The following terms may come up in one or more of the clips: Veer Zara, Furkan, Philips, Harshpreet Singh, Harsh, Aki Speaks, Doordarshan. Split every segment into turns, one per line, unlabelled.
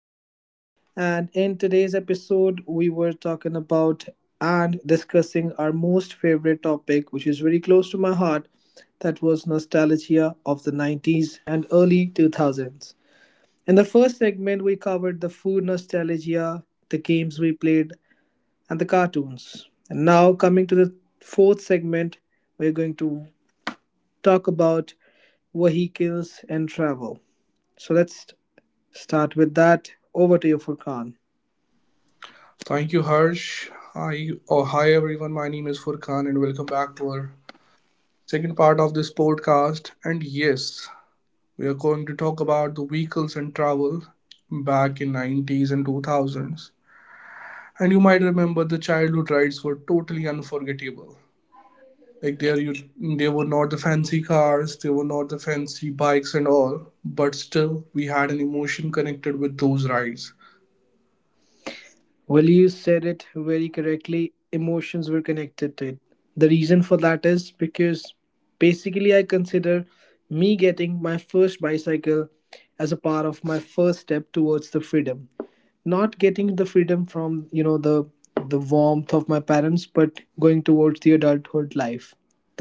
Singh, and in today's episode, we were talking about and discussing our most favorite topic, which is very close to my heart. That was nostalgia of the 90s and early 2000s. In the first segment, we covered the food nostalgia, the games we played, and the cartoons. And now, coming to the fourth segment, we're going to talk about vehicles and travel. So let's start with that. Over to you, Furkan.
Thank you, Harsh. Hi everyone. My name is Furkan, and welcome back to our second part of this podcast. And yes, we are going to talk about the vehicles and travel back in 90s and 2000s. And you might remember the childhood rides were totally unforgettable. Like there, you They were not the fancy cars, they were not the fancy bikes and all, but still we had an emotion connected with those rides.
Well, you said it very correctly. Emotions were connected to it. The reason for that is because basically I consider me getting my first bicycle as a part of my first step towards the freedom. Not getting the freedom from the warmth of my parents, but going towards the adulthood life.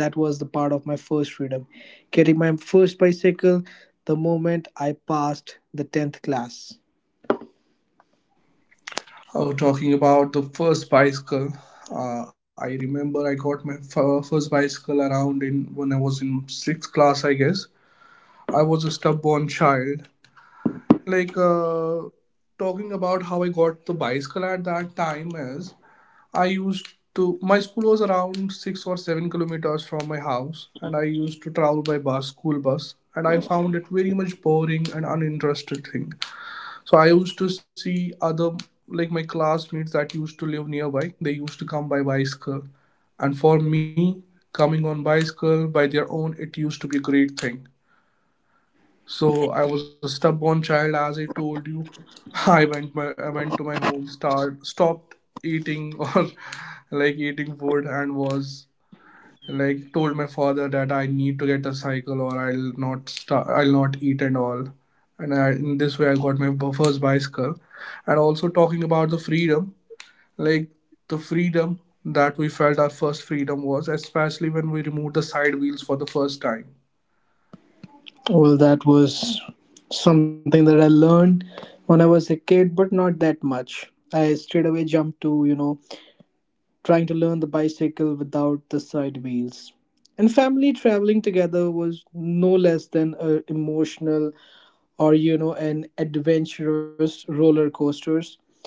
That was the part of my first freedom, getting my first bicycle, the moment I passed the 10th class.
Oh, talking about the first bicycle, I remember I got my first bicycle around in when I was in sixth class, I guess. I was a stubborn child. Like uh, Talking about how I got the bicycle at that time is I used to, my school was around 6 or 7 kilometers from my house, and I used to travel by bus, school bus, and I found it very much boring and uninterested thing. So I used to see other, like my classmates that used to live nearby. They used to come by bicycle, and for me, coming on bicycle by their own, it used to be a great thing. So I was a stubborn child, as I told you. I went to my home, start stopped eating or like eating food, and was like told my father that I need to get a cycle or I'll not eat and all. And I, in this way, I got my first bicycle. And also talking about the freedom, like the freedom that we felt, our first freedom was, especially when we removed the side wheels for the first time.
Well, that was something that I learned when I was a kid, but not that much. I straight away jumped to trying to learn the bicycle without the side wheels. And family traveling together was no less than an emotional or an adventurous roller coasters,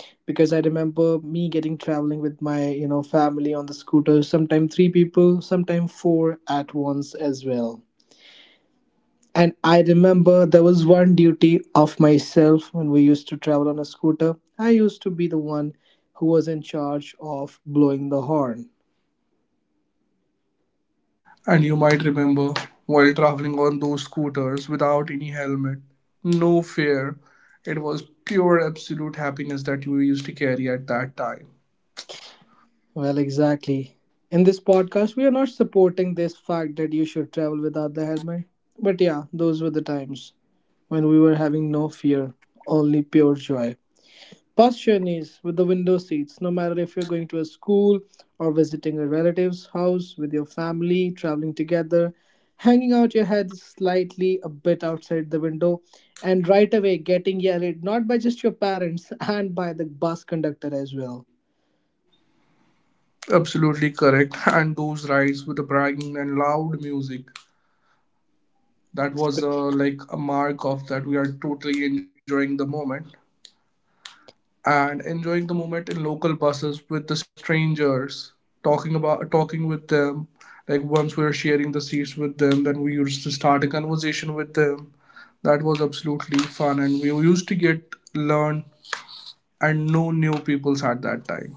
because I remember me getting traveling with my family on the scooter, sometimes three people, sometimes four at once as well. And I remember there was one duty of myself. When we used to travel on a scooter, I used to be the one who was in charge of blowing the horn.
And you might remember while traveling on those scooters without any helmet, no fear. It was pure absolute happiness that we used to carry at that time.
Well, exactly. In this podcast, we are not supporting this fact that you should travel without the helmet, but yeah, those were the times when we were having no fear, only pure joy. Past journeys with the window seats, no matter if you're going to a school or visiting a relative's house with your family, traveling together, hanging out your head slightly a bit outside the window, and right away getting yelled at, not by just your parents and by the bus conductor as well.
Absolutely correct. And those rides with the bragging and loud music, that was
Sp-
like a mark of that we are totally enjoying the moment and enjoying the moment in local buses with the strangers, talking with them. Like once we were sharing the seats with them, then we used to start a conversation with them. That was absolutely fun, and we used to get learn and know new peoples at that time.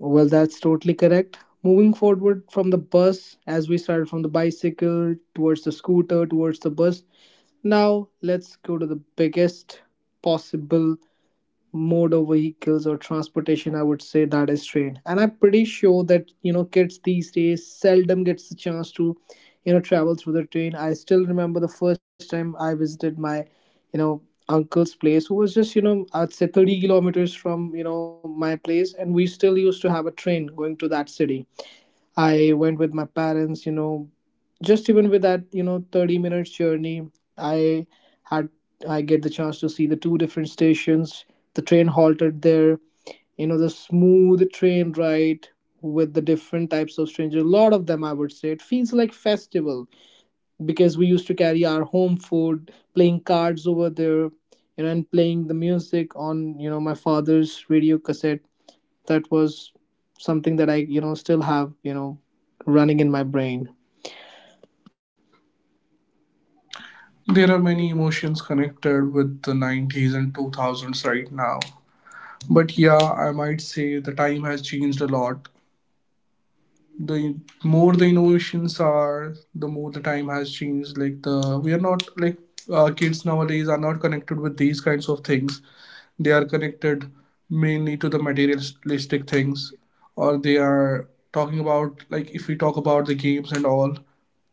Well, that's totally correct. Moving forward from the bus, as we started from the bicycle towards the scooter, towards the bus, now let's go to the biggest possible mode of vehicles or transportation, I would say, that is train. And I'm pretty sure that kids these days seldom gets the chance to travel through the train. I still remember the first time I visited my you know uncle's place, who was just, I'd say, 30 kilometers from my place, and we still used to have a train going to that city. I went with my parents. Just even with that, 30 minutes journey, I had I get the chance to see the two different stations. The train halted there, the smooth train ride with the different types of strangers. A lot of them, I would say. It feels like festival, because we used to carry our home food, playing cards over there, and playing the music on, my father's radio cassette. That was something that I still have running in my brain.
There are many emotions connected with the 90s and 2000s right now. But yeah, I might say the time has changed a lot. The more the innovations are, the more the time has changed. Like, kids nowadays are not connected with these kinds of things. They are connected mainly to the materialistic things, or they are talking about, like if we talk about the games and all,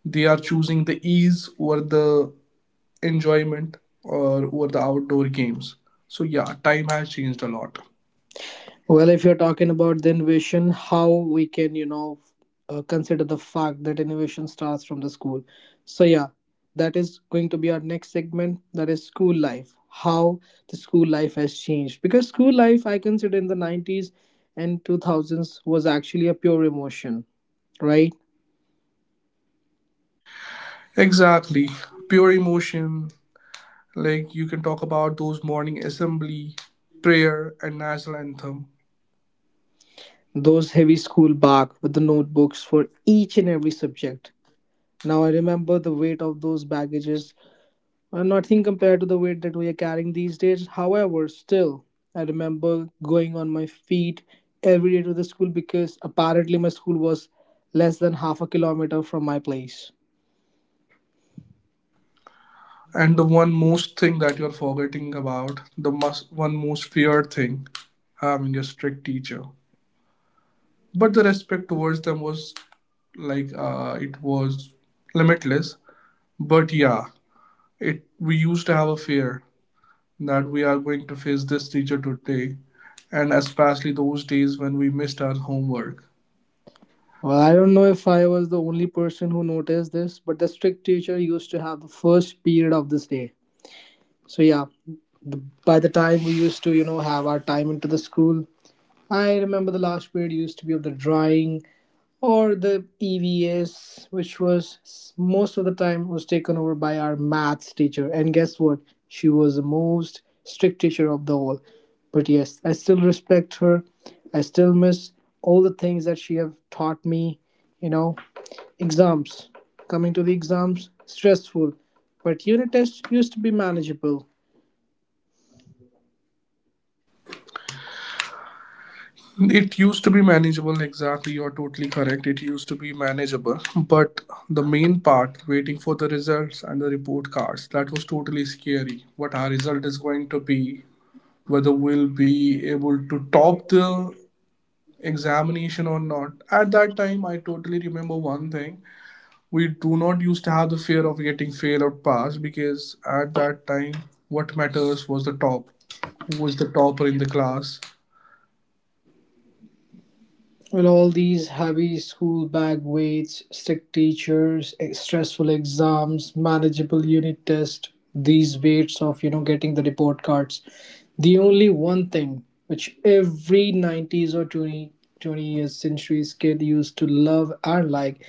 they are choosing the ease over the enjoyment or over the outdoor games. So yeah, time has changed a lot.
Well, if you're talking about the innovation, how we can, consider the fact that innovation starts from the school. So yeah, that is going to be our next segment, that is school life. How the school life has changed, because school life, I consider, in the 90s and 2000s was actually a pure emotion, right?
Exactly. Pure emotion. Like you can talk about those morning assembly, prayer, and national anthem.
Those heavy school bark with the notebooks for each and every subject. Now I remember the weight of those baggages, nothing compared to the weight that we are carrying these days. However, still, I remember going on my feet every day to the school, because apparently my school was less than half a kilometer from my place.
And the one most thing that you're forgetting about, one most feared thing, having your strict teacher. But the respect towards them was it was limitless. But yeah, it we used to have a fear that we are going to face this teacher today, and especially those days when we missed our homework.
Well, I don't know if I was the only person who noticed this, but the strict teacher used to have the first period of this day. So yeah, the, by the time we used to, have our time into the school, I remember the last period used to be of the drawing or the EVS, which was most of the time was taken over by our maths teacher. And guess what? She was the most strict teacher of the all. But yes, I still respect her. I still miss all the things that she have taught me. You know, exams. Coming to the exams, stressful. But unit tests used to be manageable.
It used to be manageable, exactly. You're totally correct. It used to be manageable. But the main part, waiting for the results and the report cards, that was totally scary. What our result is going to be, whether we'll be able to top the examination or not. At that time, I totally remember one thing. We do not used to have the fear of getting fail or pass because at that time, what matters was the top. Who was the topper in the class?
Well, all these heavy school bag weights, strict teachers, stressful exams, manageable unit tests, these weights of, getting the report cards. The only one thing which every 90s or 20 years centuries kid used to love and like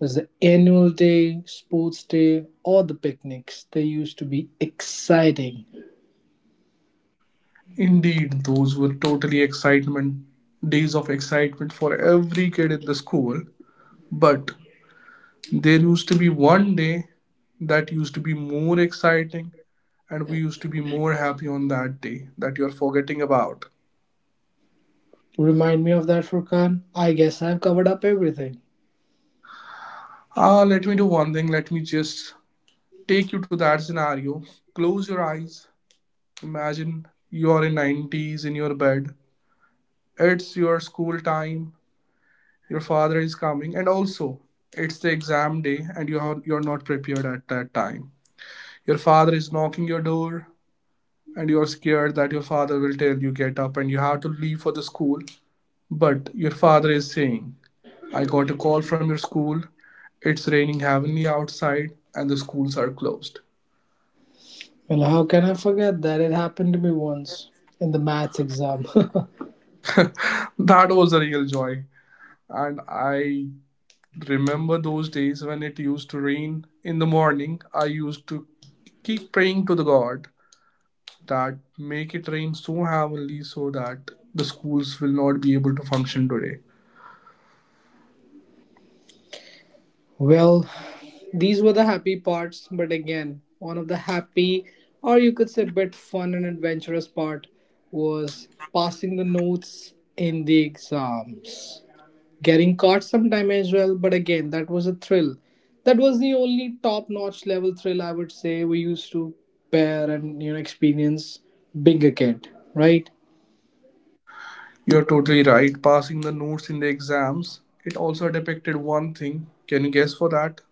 was the annual day, sports day, or the picnics. They used to be exciting.
Indeed, those were totally excitement days of excitement for every kid in the school. But there used to be one day that used to be more exciting, and we used to be more happy on that day that you're forgetting about.
Remind me of that, Furkan? I guess I've covered up everything.
Ah, let me do one thing. Let me just take you to that scenario. Close your eyes. Imagine you're in 90s in your bed. It's your school time. Your father is coming, and also it's the exam day and you're not prepared at that time. Your father is knocking your door, and you're scared that your father will tell you get up and you have to leave for the school, but your father is saying, I got a call from your school. It's raining heavily outside and the schools are closed.
Well, how can I forget that? It happened to me once in the maths exam.
That was a real joy. And I remember those days when it used to rain in the morning, I used to keep praying to the god that make it rain so heavily so that the schools will not be able to function today.
Well, these were the happy parts, but again, one of the happy, or you could say, bit fun and adventurous part was passing the notes in the exams. Getting caught sometime as well, but again, that was a thrill. That was the only top-notch level thrill, I would say, we used to bear and experience being a kid, right?
You're totally right. Passing the notes in the exams, it also depicted one thing. Can you guess for that?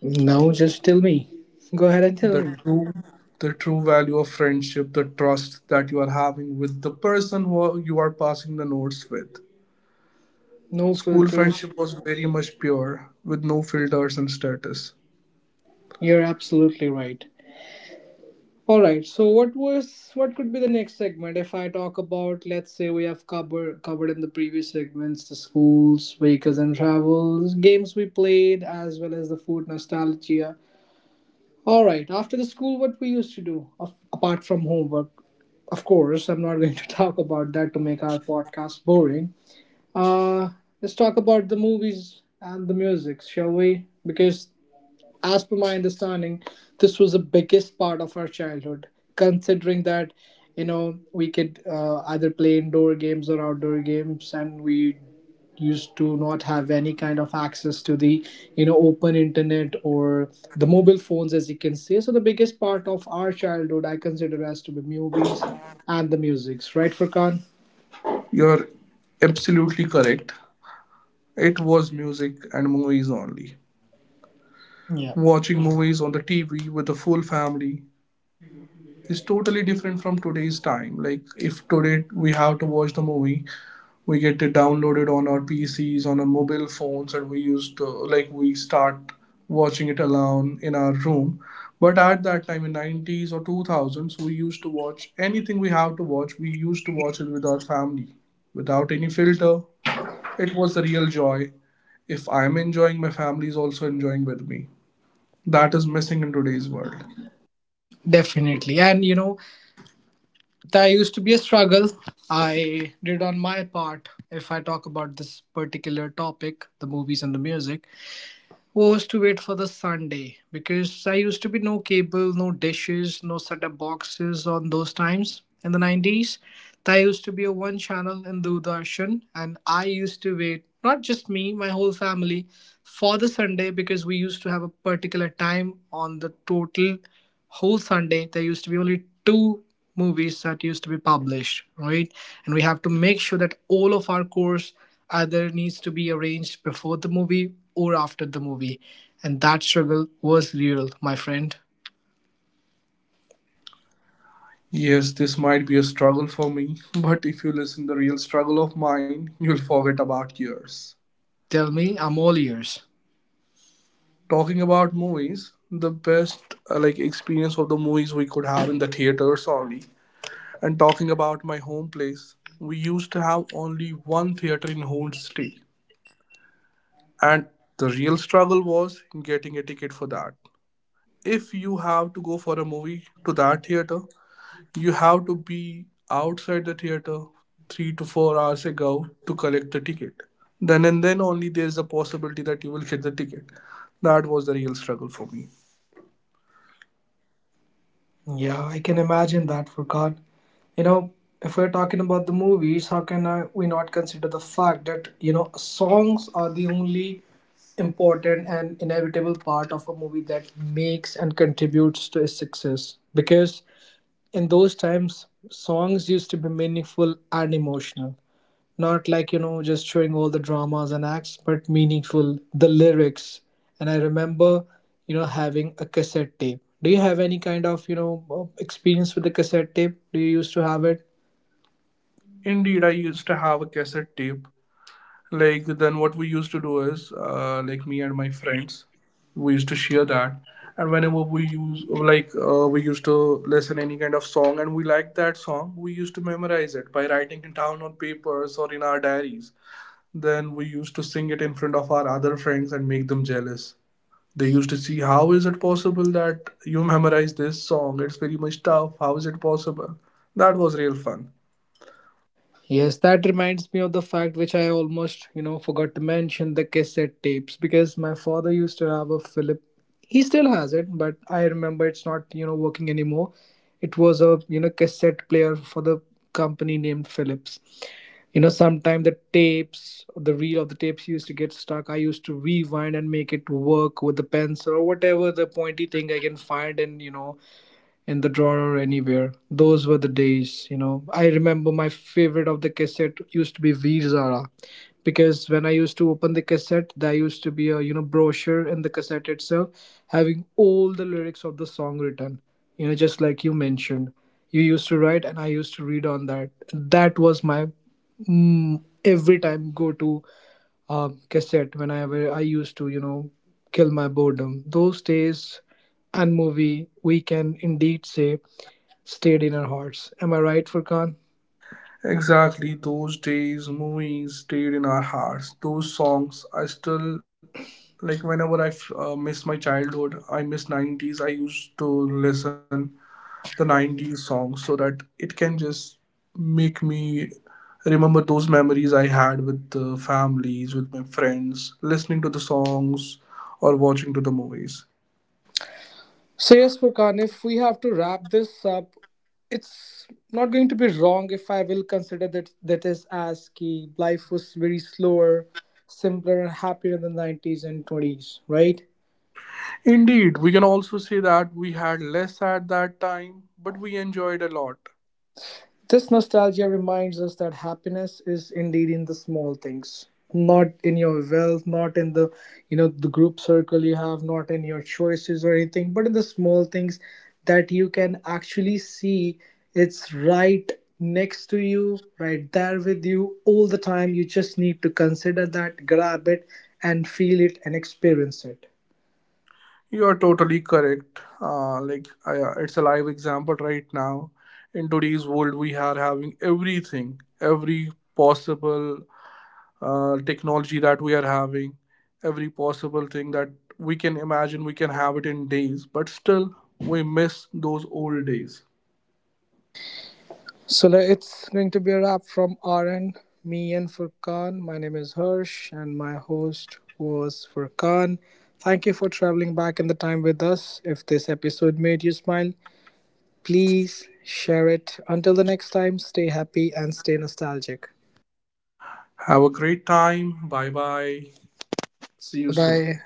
Now just tell me. Go ahead and tell
The
me.
true the true value of friendship, the trust that you are having with the person who you are passing the notes with.
No
School
filters.
friendship was very much pure with no filters and status.
You're absolutely right. All right. So what could be the next segment if I talk about, let's say, we have covered in the previous segments the schools, vehicles and travels, games we played, as well as the food nostalgia. All right. After the school, what we used to do apart from homework. Of course, I'm not going to talk about that to make our podcast boring. Uh, let's talk about the movies and the music, shall we? Because, as per my understanding, this was the biggest part of our childhood. Considering that, we could either play indoor games or outdoor games, and we used to not have any kind of access to the open internet or the mobile phones, as you can say. So the biggest part of our childhood, I consider, as to be movies and the musics, right, Furkan?
You're absolutely correct. It was music and movies only.
Yeah,
Watching movies on the TV with the full family is totally different from today's time. Like if today we have to watch the movie, we get it downloaded on our PCs, on our mobile phones, and we used to like we start watching it alone in our room. But at that time in 90s or 2000s, we used to watch anything we have to watch. We used to watch it with our family, without any filter. It was the real joy. If I'm enjoying, my family is also enjoying with me. That is missing in today's world.
definitely. And that used to be a struggle I did on my part. If I talk about this particular topic, the movies and the music, was to wait for the Sunday, because I used to be no cable, no dishes, no setup boxes on those times in the 90s. That used to be a one channel in Doordarshan, and I used to wait, not just me, my whole family, for the Sunday, because we used to have a particular time on the total whole Sunday. There used to be only two movies that used to be published, right? And we have to make sure that all of our course either needs to be arranged before the movie or after the movie. And that struggle was real, my friend.
Yes, this might be a struggle for me, but if you listen the real struggle of mine, you'll forget about yours.
Tell me, I'm all ears.
Talking about movies, the best like experience of the movies we could have in the theaters only. And talking about my home place, we used to have only one theater in whole city, and the real struggle was getting a ticket for that. If you have to go for a movie to that theater, you have to be outside the theater 3 to 4 hours ago to collect the ticket. Then and then only there is a possibility that you will get the ticket. That was the real struggle for me.
Yeah, I can imagine that for God. You know, if we're talking about the movies, how can we not consider the fact that, songs are the only important and inevitable part of a movie that makes and contributes to its success? Because in those times, songs used to be meaningful and emotional, not like just showing all the dramas and acts, but meaningful, the lyrics. And I remember having a cassette tape. Do you have any kind of experience with the cassette tape? Do you used to have it?
Indeed, I used to have a cassette tape. Like then, what we used to do is, like me and my friends, we used to share that. And whenever we used to listen any kind of song and we liked that song, we used to memorize it by writing it down on papers or in our diaries. Then we used to sing it in front of our other friends and make them jealous. They used to see, how is it possible that you memorize this song? It's very much tough. How is it possible? That was real fun.
Yes, that reminds me of the fact which I almost forgot to mention the cassette tapes, because my father used to have a Philip. He still has it, but I remember it's not working anymore. It was a cassette player for the company named Philips. You know, sometimes the tapes, the reel of the tapes used to get stuck. I used to rewind and make it work with the pencil or whatever the pointy thing I can find, and in the drawer or anywhere. Those were the days. I remember my favorite of the cassette used to be Veer Zara, because when I used to open the cassette, there used to be a brochure in the cassette itself, having all the lyrics of the song written. You know, just like you mentioned, you used to write and I used to read on that. That was my every time go to cassette, when I where I used to kill my boredom. Those days and movie, we can indeed say, stayed in our hearts. Am I right, Furkan?
Exactly, those days, movies stayed in our hearts. Those songs, I still like whenever I miss my childhood, I miss 90s. I used to listen the 90s songs so that it can just make me remember those memories I had with the families, with my friends, listening to the songs or watching to the movies.
So yes, Furkan. If we have to wrap this up, it's not going to be wrong if I will consider that that is as key. Life was very slower, simpler, and happier in the 90s and twenties, right?
Indeed, we can also say that we had less at that time, but we enjoyed a lot.
This nostalgia reminds us that happiness is indeed in the small things, not in your wealth, not in the group circle you have, not in your choices or anything, but in the small things that you can actually see. It's right next to you, right there with you all the time. You just need to consider that, grab it and feel it and experience it.
You are totally correct. Like it's a live example right now. In today's world, we are having everything, every possible technology that we are having, every possible thing that we can imagine, we can have it in days, but still we miss those old days.
So it's going to be a wrap from our end. Me and Furkan. My name is Hirsch, and my host was Furkan. Thank you for traveling back in the time with us. If this episode made you smile, please share it. Until the next time, stay happy and stay nostalgic.
Have a great time. Bye bye. See
Bye
you soon.
bye.